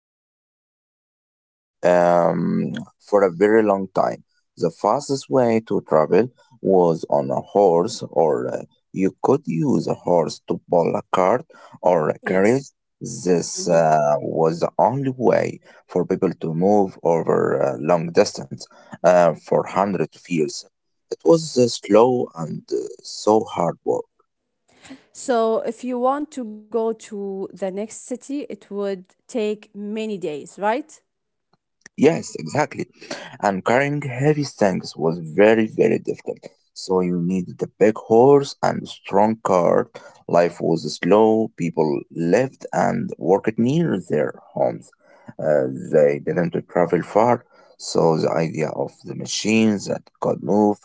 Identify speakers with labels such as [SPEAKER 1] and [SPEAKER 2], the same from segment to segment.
[SPEAKER 1] the perfect place to start um, for a very long time. The fastest way to travel was on a horse, or you could use a horse to pull a cart or a
[SPEAKER 2] Yes.
[SPEAKER 1] carriage. This
[SPEAKER 2] Mhm.
[SPEAKER 1] was the only way for people to move over a long distance for hundreds of years. It was slow and so hard work.
[SPEAKER 2] So, if you want to go to the next city, it would take many days, right?
[SPEAKER 1] Yes, exactly. And carrying heavy things was very, very difficult. So you needed a big horse and a strong cart. Life was slow. People lived and worked near their homes. Uh, they didn't travel far. So the idea of the machines that could move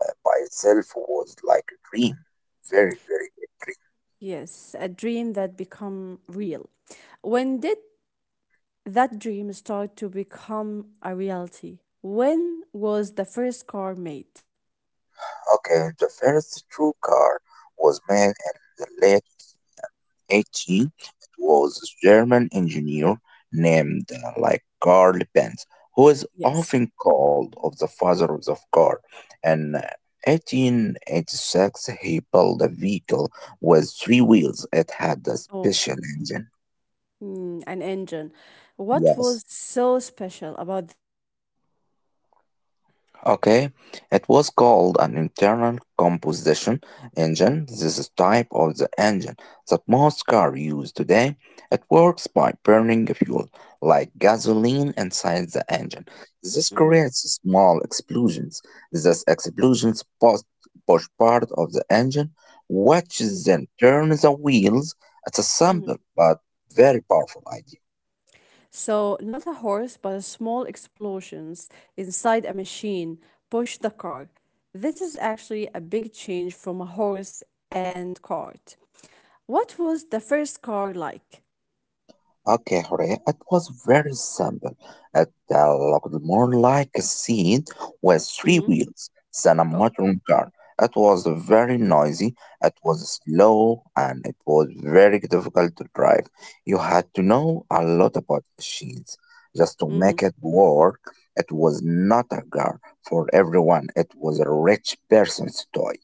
[SPEAKER 1] by itself was like a dream. Very, very big dream.
[SPEAKER 2] Yes, a dream that become real. When did that dream start to become a reality? When was the first car made?
[SPEAKER 1] Okay, the first true car was made in the late 18, it was a German engineer named Carl Benz, who is
[SPEAKER 2] Yes.
[SPEAKER 1] often called of the father of the car. In 1886, he built a vehicle with three wheels. It had a
[SPEAKER 2] Oh,
[SPEAKER 1] special engine.
[SPEAKER 2] an engine. What was
[SPEAKER 1] Yes,
[SPEAKER 2] so special about this engine?
[SPEAKER 1] okay, it was called an internal combustion engine. This is type of the engine that most cars use today. It works by burning fuel like gasoline inside the engine. This
[SPEAKER 2] Mm-hmm.
[SPEAKER 1] creates small explosions. These push part of the engine, which
[SPEAKER 2] mm-hmm,
[SPEAKER 1] then turns the wheels. It's a
[SPEAKER 2] mm-hmm.
[SPEAKER 1] simple but very powerful idea.
[SPEAKER 2] So, not a horse, but small explosions inside a machine push the car. This is actually a big change from a horse and cart. What was the first car like?
[SPEAKER 1] Okay, Horea, it was very simple. It looked more like a seat with three
[SPEAKER 2] Hmm.
[SPEAKER 1] wheels than a
[SPEAKER 2] Oh.
[SPEAKER 1] modern car. It was very noisy, it was slow, and it was very difficult to drive. You had to know a lot about machines. Just to
[SPEAKER 2] Hmm.
[SPEAKER 1] make it work, it was not a car for everyone, it was a rich person's toy.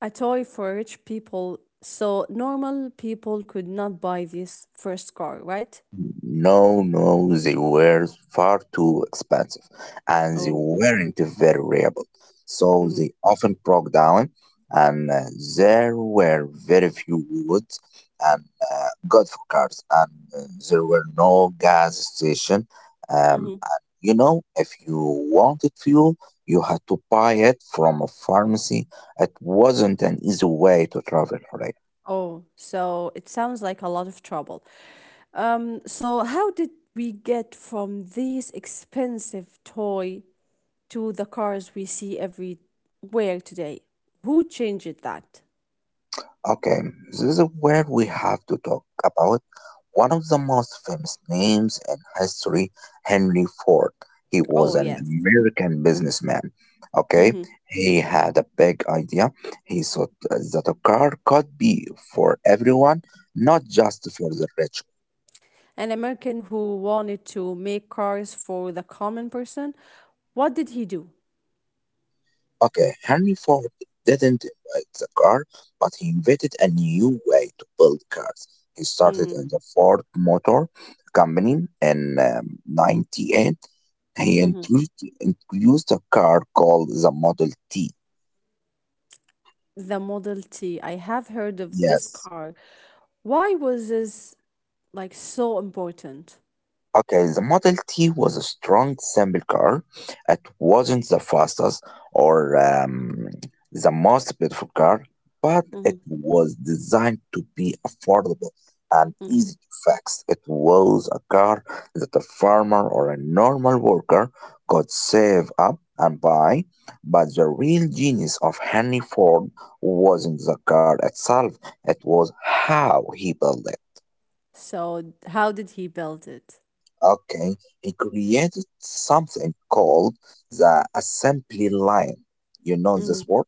[SPEAKER 2] A toy for rich people. So, normal people could not buy this first car, right?
[SPEAKER 1] No, no, they were far too expensive and they
[SPEAKER 2] Oh.
[SPEAKER 1] weren't very reliable. So
[SPEAKER 2] Hmm.
[SPEAKER 1] they often broke down, and there were very few roads and good for cars, and there were no gas station.
[SPEAKER 2] Hmm.
[SPEAKER 1] And you know, if you wanted fuel, you had to buy it from a pharmacy. It wasn't an easy way to travel, right?
[SPEAKER 2] Oh, so it sounds like a lot of trouble. So how did we get from these expensive toy to the cars we see everywhere today? Who changed that?
[SPEAKER 1] Okay, this is where we have to talk about one of the most famous names in history, Henry Ford. He was
[SPEAKER 2] Oh,
[SPEAKER 1] an
[SPEAKER 2] yes.
[SPEAKER 1] American businessman. Okay,
[SPEAKER 2] Hmm.
[SPEAKER 1] he had a big idea. He thought that a car could be for everyone, not just for the rich.
[SPEAKER 2] An American who wanted to make cars for the common person. What did he do?
[SPEAKER 1] Okay, Henry Ford didn't invent the car, but he invented a new way to build cars. He started
[SPEAKER 2] Hmm.
[SPEAKER 1] in the Ford Motor Company in 98. He
[SPEAKER 2] Hmm.
[SPEAKER 1] introduced a car called the Model T.
[SPEAKER 2] The Model T. I have heard of this
[SPEAKER 1] Yes,
[SPEAKER 2] car. Why was this so important?
[SPEAKER 1] okay, the Model T was a strong simple car. It wasn't the fastest or the most beautiful car, but it
[SPEAKER 2] Hmm.
[SPEAKER 1] was designed to be affordable and
[SPEAKER 2] Hmm.
[SPEAKER 1] easy to fix. It was a car that a farmer or a normal worker could save up and buy. But the real genius of Henry Ford wasn't the car itself, it was how he built it.
[SPEAKER 2] So how did he build it?
[SPEAKER 1] Okay, he created something called the assembly line. You know this word?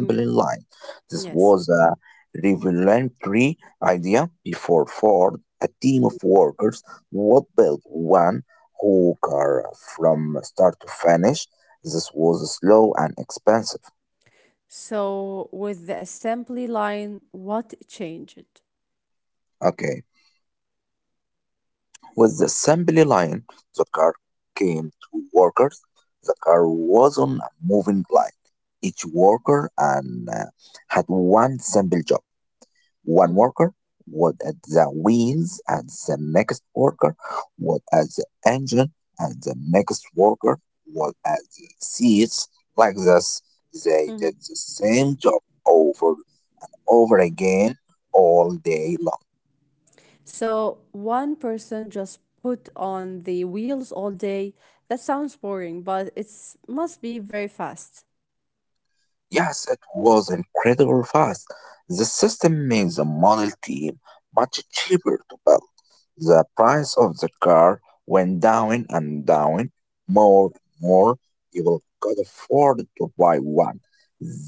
[SPEAKER 2] Mm-hmm.
[SPEAKER 1] line. This
[SPEAKER 2] Yes.
[SPEAKER 1] was a revolutionary idea before Ford. A team of workers would build one whole car from start to finish. This was slow and expensive.
[SPEAKER 2] So, with the assembly line, what changed?
[SPEAKER 1] Okay, with the assembly line, the car came to workers. The car was on a moving line. Each worker and had one simple job. One
[SPEAKER 2] Mhm.
[SPEAKER 1] worker was at the wheels, and the next worker was at the engine, and the next worker was at the seats. Like this, they
[SPEAKER 2] Mhm.
[SPEAKER 1] did the same job over and over again all day long.
[SPEAKER 2] So, one person just put on the wheels all day. That sounds boring, but it's must be very fast.
[SPEAKER 1] Yes, it was incredible fast. The system made the Model T much cheaper to build. The price of the car went down and down. More and more people could afford to buy one.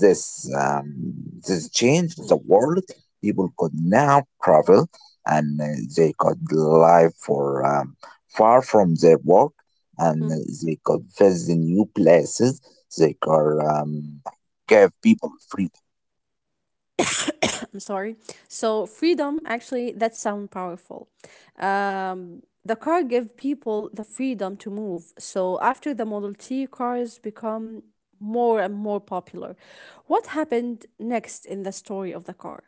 [SPEAKER 1] This um, this changed
[SPEAKER 2] Mm.
[SPEAKER 1] the world. People could now travel and they could live for far from their work and
[SPEAKER 2] Mhm.
[SPEAKER 1] they could visit new places. They could gave people freedom.
[SPEAKER 2] I'm sorry. So freedom actually that sound powerful. The car give people the freedom to move. So after the Model T cars become more and more popular, what happened next in the story of the car?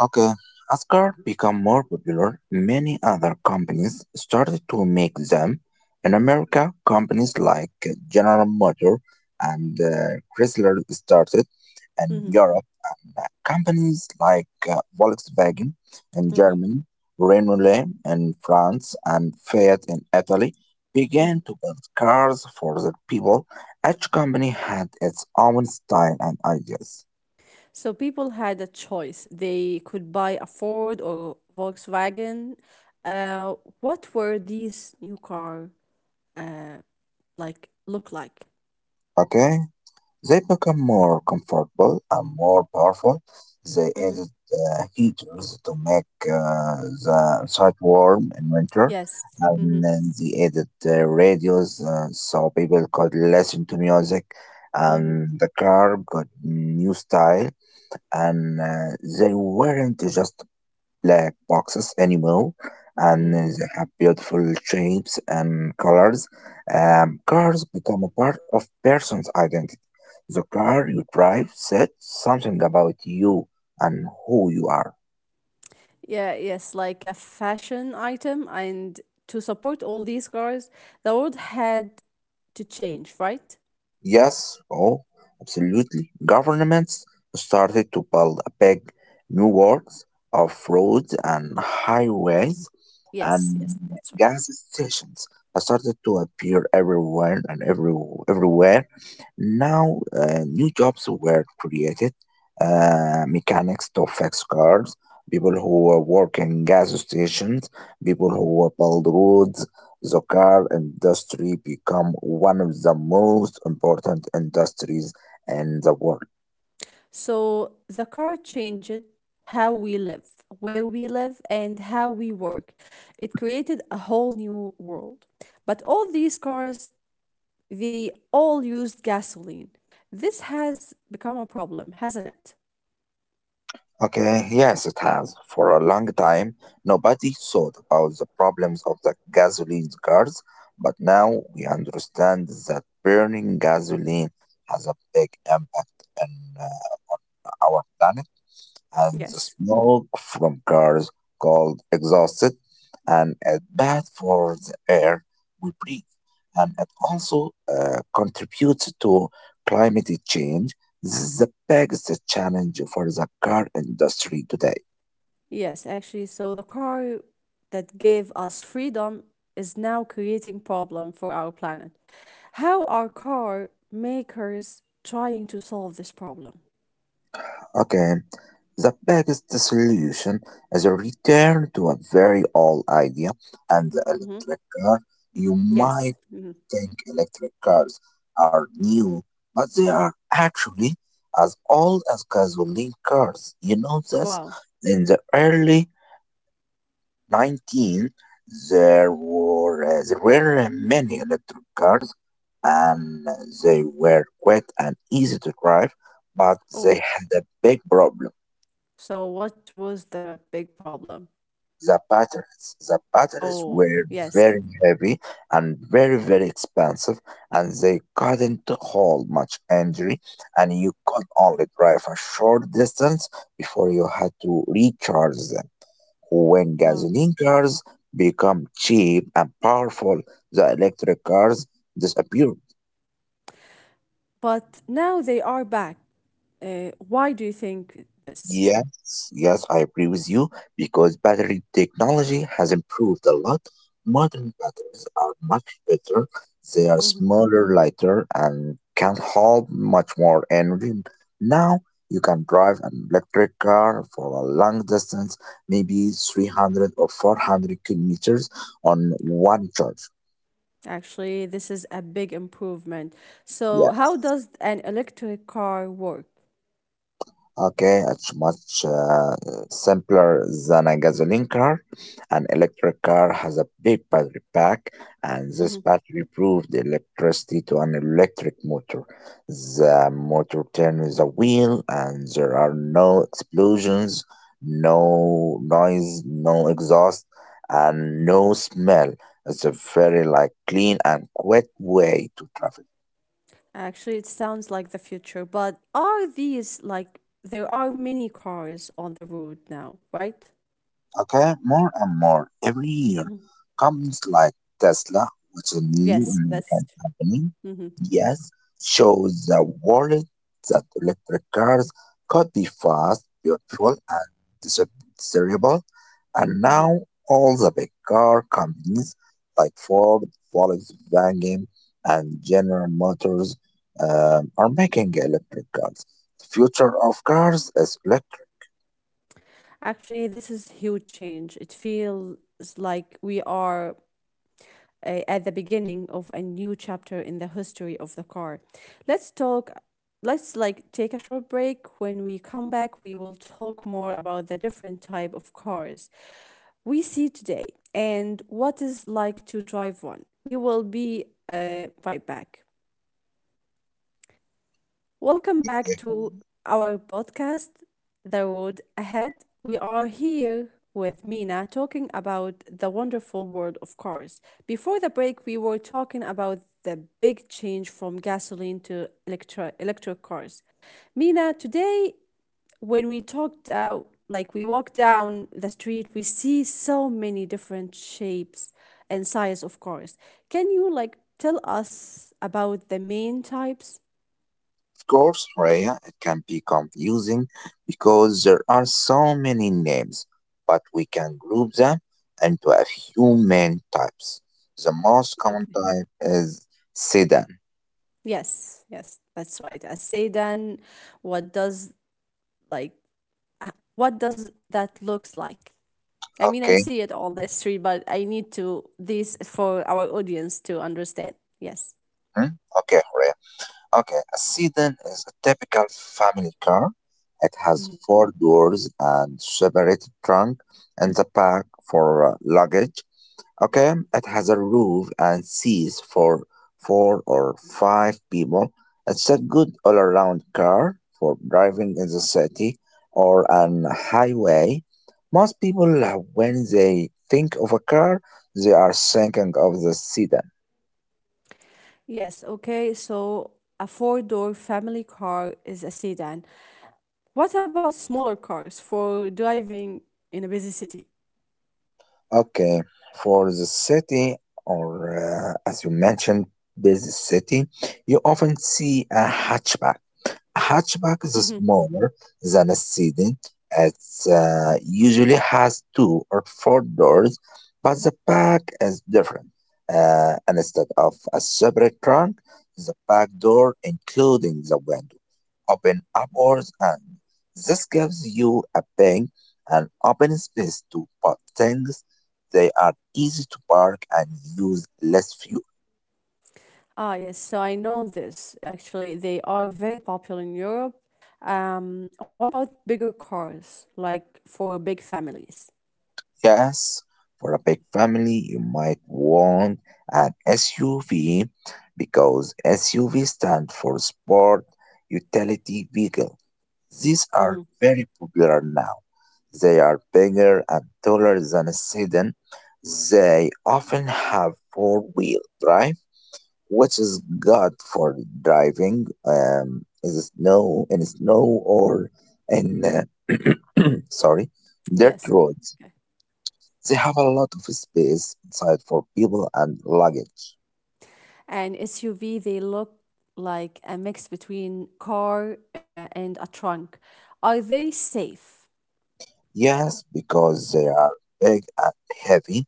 [SPEAKER 1] Okay, as cars became more popular. Many other companies started to make them. In America, companies like General Motors and Chrysler started. In
[SPEAKER 2] Mm-hmm.
[SPEAKER 1] Europe, companies like Volkswagen in
[SPEAKER 2] Mhm.
[SPEAKER 1] Germany, Renault in France, and Fiat in Italy began
[SPEAKER 2] Mhm.
[SPEAKER 1] to build cars for their people. Each company had its own style and ideas.
[SPEAKER 2] So people had a choice. They could buy a Ford or Volkswagen. Uh, what were these new car uh, look like?
[SPEAKER 1] Okay? They become more comfortable and more powerful. They
[SPEAKER 2] Hmm.
[SPEAKER 1] added heaters to make the inside warm in winter.
[SPEAKER 2] Yes. Hmm.
[SPEAKER 1] And then they added radios so people could listen to music.
[SPEAKER 2] Hmm.
[SPEAKER 1] And the car got new style. And they weren't just black boxes anymore, and
[SPEAKER 2] Hmm.
[SPEAKER 1] they have beautiful shapes and colors. Cars become a part of person's identity. The car you drive says something about you and who you are.
[SPEAKER 2] Yeah, yes, like a fashion item. And to support all these cars, the world had to change, right?
[SPEAKER 1] Yes, oh, absolutely. Governments started to build a big new works of roads and highways
[SPEAKER 2] Yes, yes,
[SPEAKER 1] and
[SPEAKER 2] that's right.
[SPEAKER 1] gas stations started to appear everywhere and everywhere. Now, new jobs were created. Mechanics to fix cars, people who work in gas stations, people who build roads, the car industry become one of the most important industries in the world.
[SPEAKER 2] So the car changed how we live, where we live, and how we work. It created a whole new world. But all these cars, they all used gasoline. This has become a problem, hasn't it?
[SPEAKER 1] Okay, yes, it has. For a long time, nobody thought about the problems of the gasoline cars, but now we understand that burning gasoline has a big impact on uh, our planet. And the
[SPEAKER 2] Yes.
[SPEAKER 1] smoke from cars called exhausted, and it's bad for the air we breathe. And it also contributes to climate change. This is the biggest challenge for the car industry today.
[SPEAKER 2] Yes, actually. So the car that gave us freedom is now creating problem for our planet. How are car makers trying to solve this problem?
[SPEAKER 1] Okay, the biggest solution is a return to a very old idea and the
[SPEAKER 2] Hmm.
[SPEAKER 1] electric car. You
[SPEAKER 2] Yes.
[SPEAKER 1] might
[SPEAKER 2] Hmm.
[SPEAKER 1] think electric cars are new, but they are actually as old as gasoline cars. You know this?
[SPEAKER 2] Wow.
[SPEAKER 1] In the early 19, there were many electric cars, and they were quick and easy to drive, but they
[SPEAKER 2] Oh,
[SPEAKER 1] had a big problem.
[SPEAKER 2] so what was the big problem?
[SPEAKER 1] The batteries
[SPEAKER 2] Oh,
[SPEAKER 1] were
[SPEAKER 2] yes.
[SPEAKER 1] very heavy and very, very expensive, and they couldn't hold much energy, and you could only drive a short distance before you had to recharge them. When
[SPEAKER 2] Wow.
[SPEAKER 1] gasoline cars become cheap and powerful, the electric cars disappear.
[SPEAKER 2] But now they are back. Why do you think this?
[SPEAKER 1] Yes, yes, I agree with you because battery technology has improved a lot. Modern batteries are much better. They are
[SPEAKER 2] Hmm.
[SPEAKER 1] smaller, lighter, and can hold much more energy. Now you can drive an electric car for a long distance, maybe 300 or 400 kilometers on one charge.
[SPEAKER 2] Actually, this is a big improvement. So,
[SPEAKER 1] Yeah.
[SPEAKER 2] how does an electric car work?
[SPEAKER 1] Okay, it's much simpler than a gasoline car. An electric car has a big battery pack, and this
[SPEAKER 2] Hmm.
[SPEAKER 1] battery provides electricity to an electric motor. The motor turns the wheel, and there are no explosions, no noise, no exhaust, and no smell. It's a very like clean and quick way to travel.
[SPEAKER 2] Actually, it sounds like the future, but are these there are many cars on the road now, right?
[SPEAKER 1] Okay, more and more every year,
[SPEAKER 2] Hmm.
[SPEAKER 1] companies like Tesla, which is a new
[SPEAKER 2] Yes,
[SPEAKER 1] American
[SPEAKER 2] that's.
[SPEAKER 1] company,
[SPEAKER 2] Mm-hmm.
[SPEAKER 1] yes, shows the world that electric cars could be fast, beautiful, and dis- desirable. And
[SPEAKER 2] Mm-hmm.
[SPEAKER 1] now all the big car companies like Ford, Volkswagen, and General Motors are making electric cars. The future of cars is electric.
[SPEAKER 2] Actually, this is huge change. It feels like we are at the beginning of a new chapter in the history of the car. Let's talk let's take a short break. When we come back, we will talk more about the different type of cars we see today and what is like to drive one. We will be right back. Welcome back to our podcast, The Road Ahead. We are here with Mina talking about the wonderful world of cars. Before the break, we were talking about the big change from gasoline to electric cars. Mina, today, when we talked out, like we walk down the street, we see so many different shapes and size of cars. Can you tell us about the main types?
[SPEAKER 1] Course, Raya, it can be confusing because there are so many names, but we can group them into a few main types. The most common
[SPEAKER 2] Okay.
[SPEAKER 1] type is sedan.
[SPEAKER 2] Yes, yes, that's right. I say then what does like what does that looks like? I mean, I
[SPEAKER 1] Okay.
[SPEAKER 2] see it on the street, but I need to this for our audience to understand. Yes.
[SPEAKER 1] Hmm? Okay, Raya. Okay, a sedan is a typical family car. It has
[SPEAKER 2] Mhm.
[SPEAKER 1] four doors and separate trunk in the back for luggage. Okay, it has a roof and seats for four or five people. It's a good all around car for driving in the city or an highway. Most people, when they think of a car, they are thinking of the sedan.
[SPEAKER 2] Yes, okay. So a four-door family car is a sedan. What about smaller cars for driving in a busy city?
[SPEAKER 1] Okay, for the city, or as you mentioned, busy city, you often see a hatchback hatchback is smaller than a sedan. It usually has two or four doors, but the back is different. Instead of a separate trunk, the back door, including the window, open upwards, and this gives you a big and open space to put things. They are easy to park and use less fuel.
[SPEAKER 2] Ah, yes, so I know this. Actually, they are very popular in Europe. What about bigger cars, like for big families?
[SPEAKER 1] Yes, for a big family, you might want an SUV because SUV stand for Sport Utility Vehicle. These are
[SPEAKER 2] Hmm.
[SPEAKER 1] very popular now. They are bigger and taller than a sedan. They often have four-wheel drive, which is good for driving in the snow, in snow or in sorry, dirt
[SPEAKER 2] Yes, it's
[SPEAKER 1] roads.
[SPEAKER 2] okay.
[SPEAKER 1] They have a lot of space inside for people and luggage.
[SPEAKER 2] And SUV, they look like a mix between car and a trunk. Are they safe?
[SPEAKER 1] Yes, because they are big and heavy.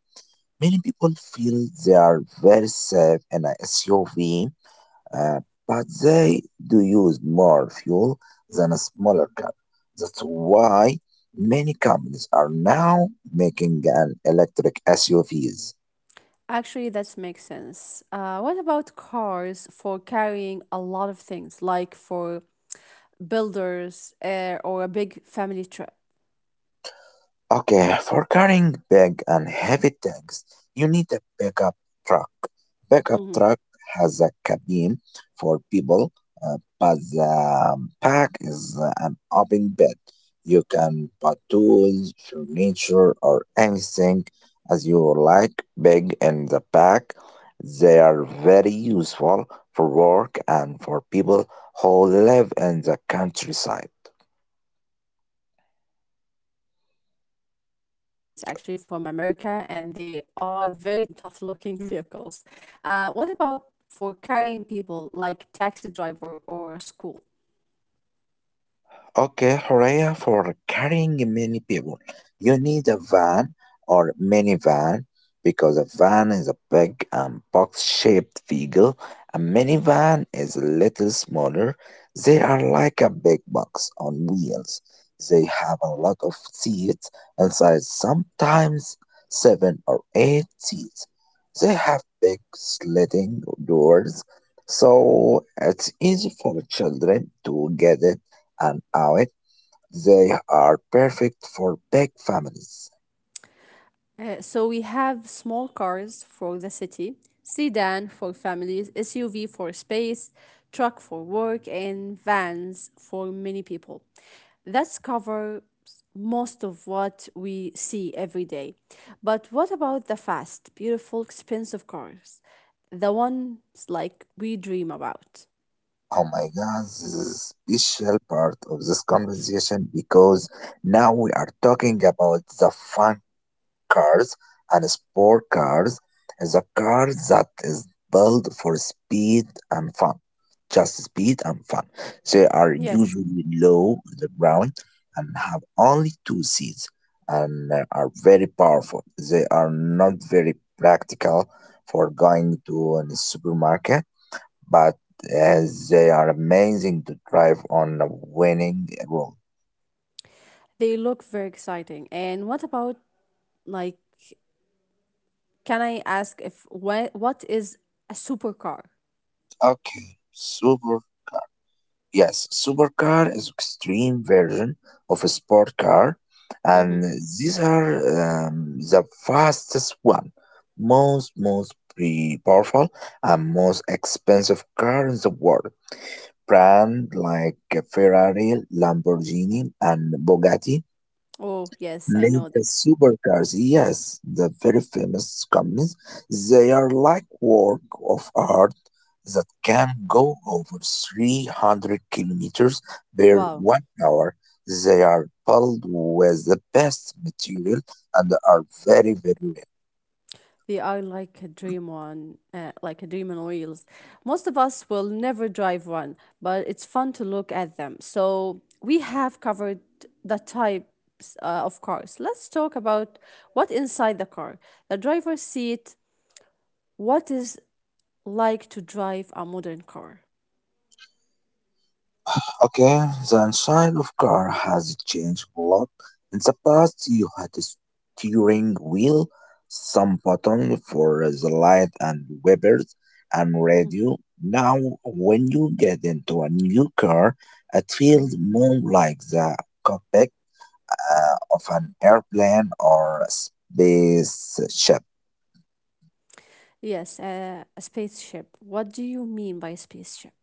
[SPEAKER 1] Many people feel they are very safe in a SUV, uh, but they do use more fuel than a smaller car. That's why many companies are now making an electric SUVs.
[SPEAKER 2] Actually, that makes sense. What about cars for carrying a lot of things, like for builders or a big family trip?
[SPEAKER 1] Okay, for carrying big and heavy tags, you need a pickup truck. Pickup
[SPEAKER 2] Mm-hmm.
[SPEAKER 1] truck has a cabin for people, but the pack is an open bed. You can put tools, furniture, or anything as you like big in the pack. They are very useful for work and for people who live in the countryside.
[SPEAKER 2] I see those a lot of in movies actually from America, and they are very tough looking vehicles. What about for carrying people like taxi driver or school?
[SPEAKER 1] Okay, Horea, for carrying many people, you need a van or minivan because a van is a big and box-shaped vehicle. A minivan is a little smaller. They are like a big box on wheels. They have a lot of seats inside, sometimes 7 or 8 seats. They have big sliding doors, so it's easy for children to get in and out. They are perfect for big families.
[SPEAKER 2] So we have small cars for the city, sedan for families, SUV for space, truck for work, and vans for many people. That's cover most of what we see every day. But what about the fast, beautiful, expensive cars? The ones we dream about.
[SPEAKER 1] Oh my god, this is a special part of this conversation because now we are talking about the fun cars and sport cars, is a car that is built for speed and fun. Just speed and fun. They are
[SPEAKER 2] Yes,
[SPEAKER 1] usually low on the ground and have only 2 seats and are very powerful. They are not very practical for going to a supermarket, but as they are amazing to drive on a winning road.
[SPEAKER 2] they look very exciting. And what about like can I ask if what is a supercar?
[SPEAKER 1] Okay, super Yes, supercar is extreme version of a sport car, and
[SPEAKER 2] Mm-hmm.
[SPEAKER 1] these are the fastest one, most powerful and most expensive car in the world. Brand like Ferrari, Lamborghini, and Bugatti
[SPEAKER 2] Oh, yes, I
[SPEAKER 1] make
[SPEAKER 2] know
[SPEAKER 1] the
[SPEAKER 2] this.
[SPEAKER 1] supercars. Yes, the very famous companies, they are like work of art that can go over 300 kilometers per
[SPEAKER 2] Wow.
[SPEAKER 1] 1 hour. They are built with the best material and are very, very rare.
[SPEAKER 2] They are like a dream on wheels. Most of us will never drive one, but it's fun to look at them. So we have covered the types of cars. Let's talk about what inside the car, the driver's seat, what is like to drive a modern car.
[SPEAKER 1] Okay, the inside of car has changed a lot. In the past, you had a steering wheel, some button for the light and wipers, and radio. Now, when you get into a new car, it feels
[SPEAKER 2] Mm.
[SPEAKER 1] more like the cockpit of an airplane or a spaceship.
[SPEAKER 2] Yes, a spaceship. What do you mean by spaceship?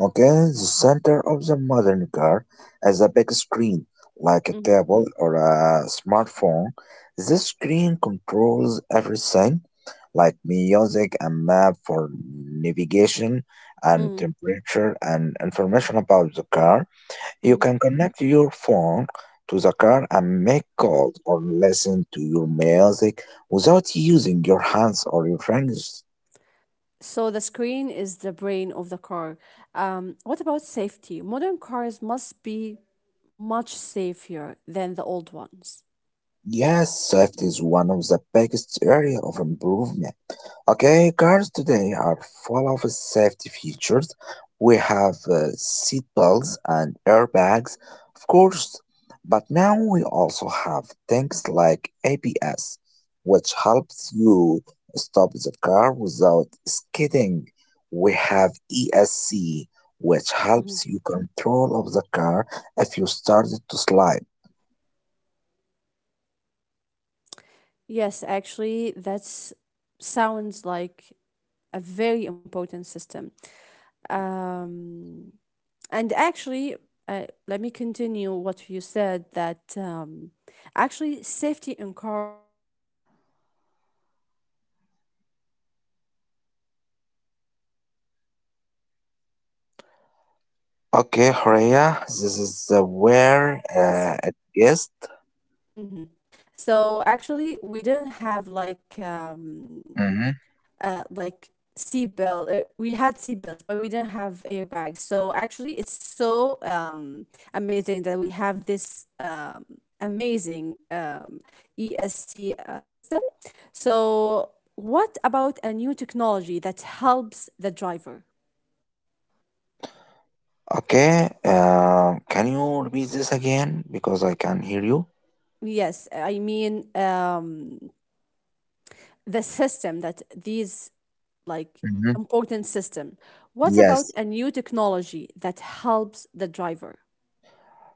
[SPEAKER 1] Okay, the center of the modern car has a big screen, like a
[SPEAKER 2] Mm-hmm.
[SPEAKER 1] table or a smartphone. This screen controls everything, like music and map for navigation and
[SPEAKER 2] Mm-hmm.
[SPEAKER 1] temperature and information about the car. You can connect your phone to the car and make calls or listen to your music without using your hands or your fingers.
[SPEAKER 2] So the screen is the brain of the car. What about safety? Modern cars must be much safer than the old ones.
[SPEAKER 1] Yes, safety is one of the biggest area of improvement. Okay, cars today are full of safety features. We have seat belts and airbags, of course, but now we also have things like ABS, which helps you stop the car without skidding. We have ESC, which
[SPEAKER 2] Mhm.
[SPEAKER 1] helps you control of the car if you started to slide.
[SPEAKER 2] Yes, actually, that's sounds like a very important system. Um, and actually, let me continue what you said that actually safety in cars become more and more like you said we have seat belts and airbags back in the day we didn't have seat belts.
[SPEAKER 1] Okay,
[SPEAKER 2] Yes.
[SPEAKER 1] Horea, this is
[SPEAKER 2] Yes, so
[SPEAKER 1] where
[SPEAKER 2] yes.
[SPEAKER 1] it gets.
[SPEAKER 2] Hmm. So actually we didn't have like seat belt. We had seat belts, but we didn't have airbags. So actually, it's so amazing that we have this amazing ESC system. So what about a new technology that helps the driver?
[SPEAKER 1] Okay, can you repeat this again because I can hear you?
[SPEAKER 2] Like, yes, I mean the system that these like
[SPEAKER 1] Hmm.
[SPEAKER 2] important system. What about
[SPEAKER 1] Yes.
[SPEAKER 2] a new technology that helps the driver?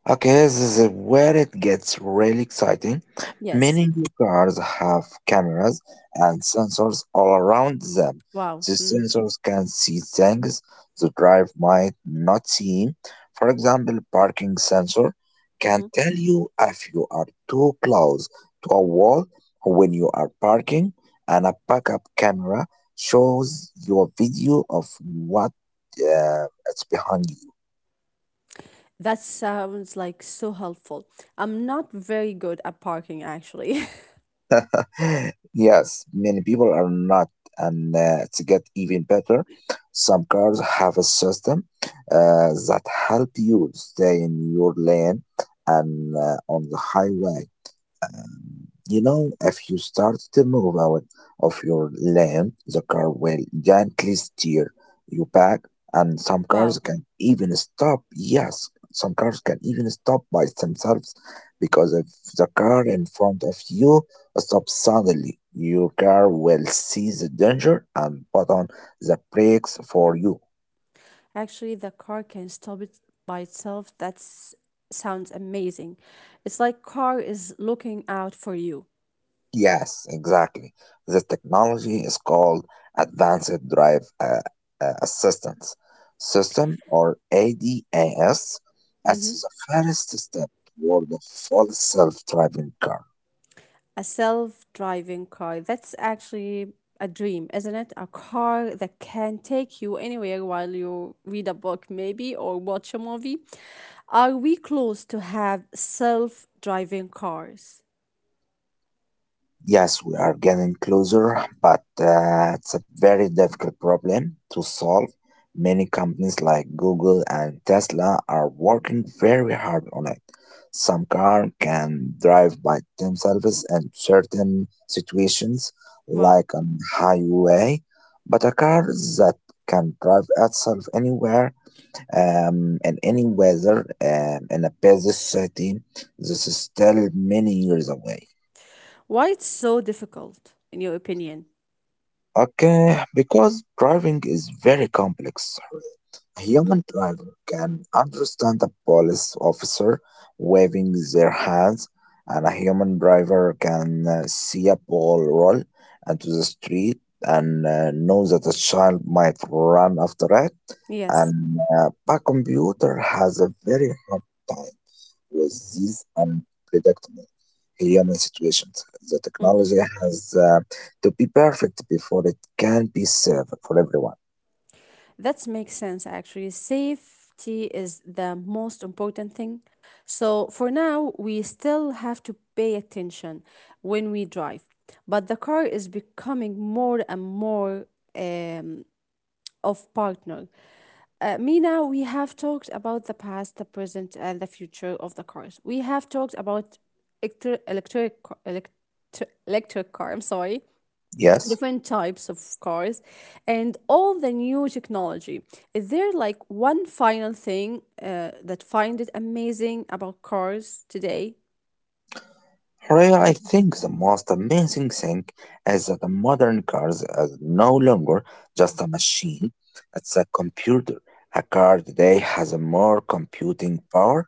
[SPEAKER 1] Okay, this is where it gets really exciting.
[SPEAKER 2] Yes.
[SPEAKER 1] Many new cars have cameras and sensors all around them.
[SPEAKER 2] Wow.
[SPEAKER 1] The
[SPEAKER 2] Mm.
[SPEAKER 1] sensors can see things the driver might not see. For example, parking sensor can
[SPEAKER 2] Hmm.
[SPEAKER 1] tell you if you are too close to a wall when you are parking, and a backup camera shows you a video of what uh, is behind you.
[SPEAKER 2] That sounds like so helpful. I'm not very good at parking, actually.
[SPEAKER 1] Yes, many people are not, and to get even better, some cars have a system that help you stay in your lane and on the highway. Um, You know, if you start to move out of your lane, the car will gently steer you back, and some cars
[SPEAKER 2] Wow.
[SPEAKER 1] can even stop. Yes, some cars can even stop by themselves because if the car in front of you stops suddenly, your car will see the danger and put on the brakes for you.
[SPEAKER 2] Actually, the car can stop it by itself. That sounds amazing. It's like car is looking out for you.
[SPEAKER 1] Yes, exactly. This technology is called Advanced Drive Assistance System or ADAS.
[SPEAKER 2] Hmm.
[SPEAKER 1] It's the first step toward a full self driving car.
[SPEAKER 2] A self-driving car. That's actually a dream, isn't it? A car that can take you anywhere while you read a book, maybe, or watch a movie. Are we close to have self-driving cars?
[SPEAKER 1] Yes, we are getting closer, but it's a very difficult problem to solve. Many companies like Google and Tesla are working very hard on it. Some cars can drive by themselves in certain situations,
[SPEAKER 2] Wow.
[SPEAKER 1] like on highway, but a car that can drive itself anywhere in any weather in a busy city, this is still many years away.
[SPEAKER 2] Why it's so difficult, in your opinion?
[SPEAKER 1] Okay, because driving is very complex. A human driver can understand a police officer waving their hands, and a human driver can see a ball roll into the street and know that a child might run after it.
[SPEAKER 2] Yes.
[SPEAKER 1] And a computer has a very hard time with these unpredictable human situations, the
[SPEAKER 2] Mm-hmm.
[SPEAKER 1] technology has to be perfect before it can be served for everyone.
[SPEAKER 2] That makes sense, actually. Safety is the most important thing. So, for now, we still have to pay attention when we drive. But the car is becoming more and more um, of partner. Mina, we have talked about the past, the present, and the future of the cars. We have talked about electri- electric, electric, electric car, I'm sorry.
[SPEAKER 1] Yes?
[SPEAKER 2] Different types of cars and all the new technology, is there like one final thing that find it amazing about cars today?
[SPEAKER 1] However, I think the most amazing thing is that the modern cars are no longer just a machine, it's a computer. A car today has more computing power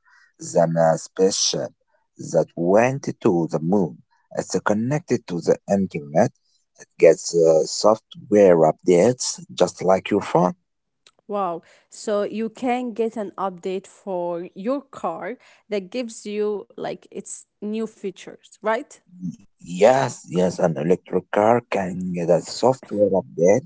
[SPEAKER 1] than a spaceship that went to the moon. It's connected to the internet. It gets software updates just like your phone.
[SPEAKER 2] Wow, so you can get an update for your car that gives you like its new features, right?
[SPEAKER 1] Yes, yes, an electric car can get a software update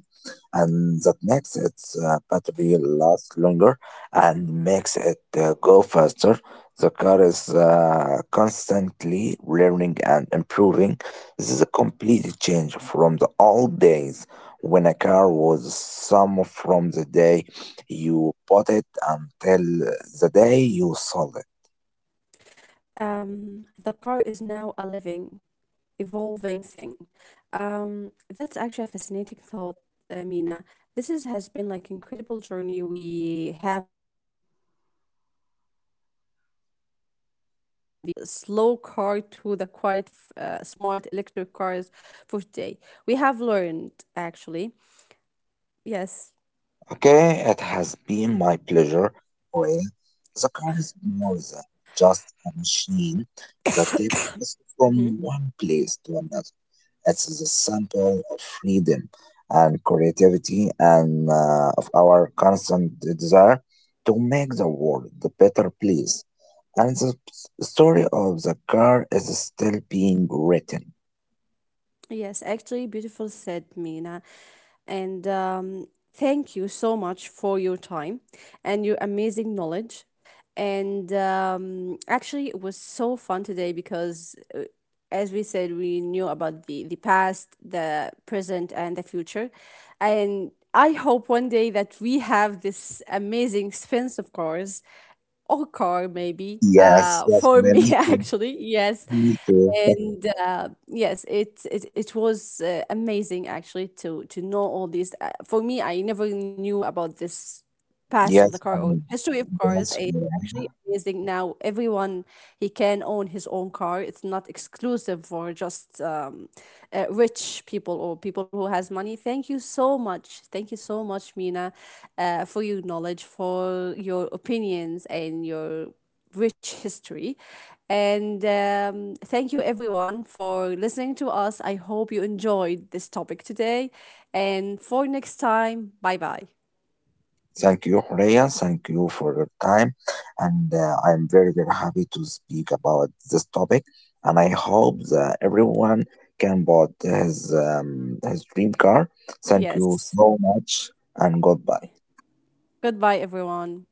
[SPEAKER 1] and that makes its battery last longer and makes it go faster. The car is constantly learning and improving. This is a complete change from the old days when a car was some from the day you bought it until the day you sold it.
[SPEAKER 2] Um, the car is now a living evolving thing. That's actually a fascinating thought, Mina. This is, has been like incredible journey. We have traveled from the first noise slow car to the quite smart electric cars for today. We have learned actually. Yes.
[SPEAKER 1] Okay, it has been my pleasure. Well, the car is more than just a machine that takes us from
[SPEAKER 2] Mm-hmm.
[SPEAKER 1] one place to another. It's the sample of freedom and creativity and of our constant desire to make the world a better place. And the story of the car is still being written.
[SPEAKER 2] Yes, actually, beautiful said, Mina. And thank you so much for your time and your amazing knowledge. And actually, it was so fun today because, as we said, we knew about the past, the present, and the future. And I hope one day that we have this amazing, expensive cars or car maybe
[SPEAKER 1] Yes, yes,
[SPEAKER 2] for
[SPEAKER 1] well,
[SPEAKER 2] me
[SPEAKER 1] me too.
[SPEAKER 2] actually yes.
[SPEAKER 1] Me too.
[SPEAKER 2] And yes it was amazing actually to know all these for me I never knew about this past of the
[SPEAKER 1] Yes,
[SPEAKER 2] car
[SPEAKER 1] I
[SPEAKER 2] or
[SPEAKER 1] mean,
[SPEAKER 2] history of cars.
[SPEAKER 1] yes.
[SPEAKER 2] Actually amazing now. Everyone he can own his own car. It's not exclusive for just rich people or people who has money. Thank you so much. Thank you so much, Mina, for your knowledge, for your opinions, and your rich history. And thank you everyone for listening to us. I hope you enjoyed this topic today. And for next time, bye bye.
[SPEAKER 1] Thank you, Horea. Thank you for your time. And I'm very, very happy to speak about this topic. And I hope that everyone can bought his dream car. Thank you
[SPEAKER 2] Yes.
[SPEAKER 1] so much and goodbye.
[SPEAKER 2] Goodbye, everyone.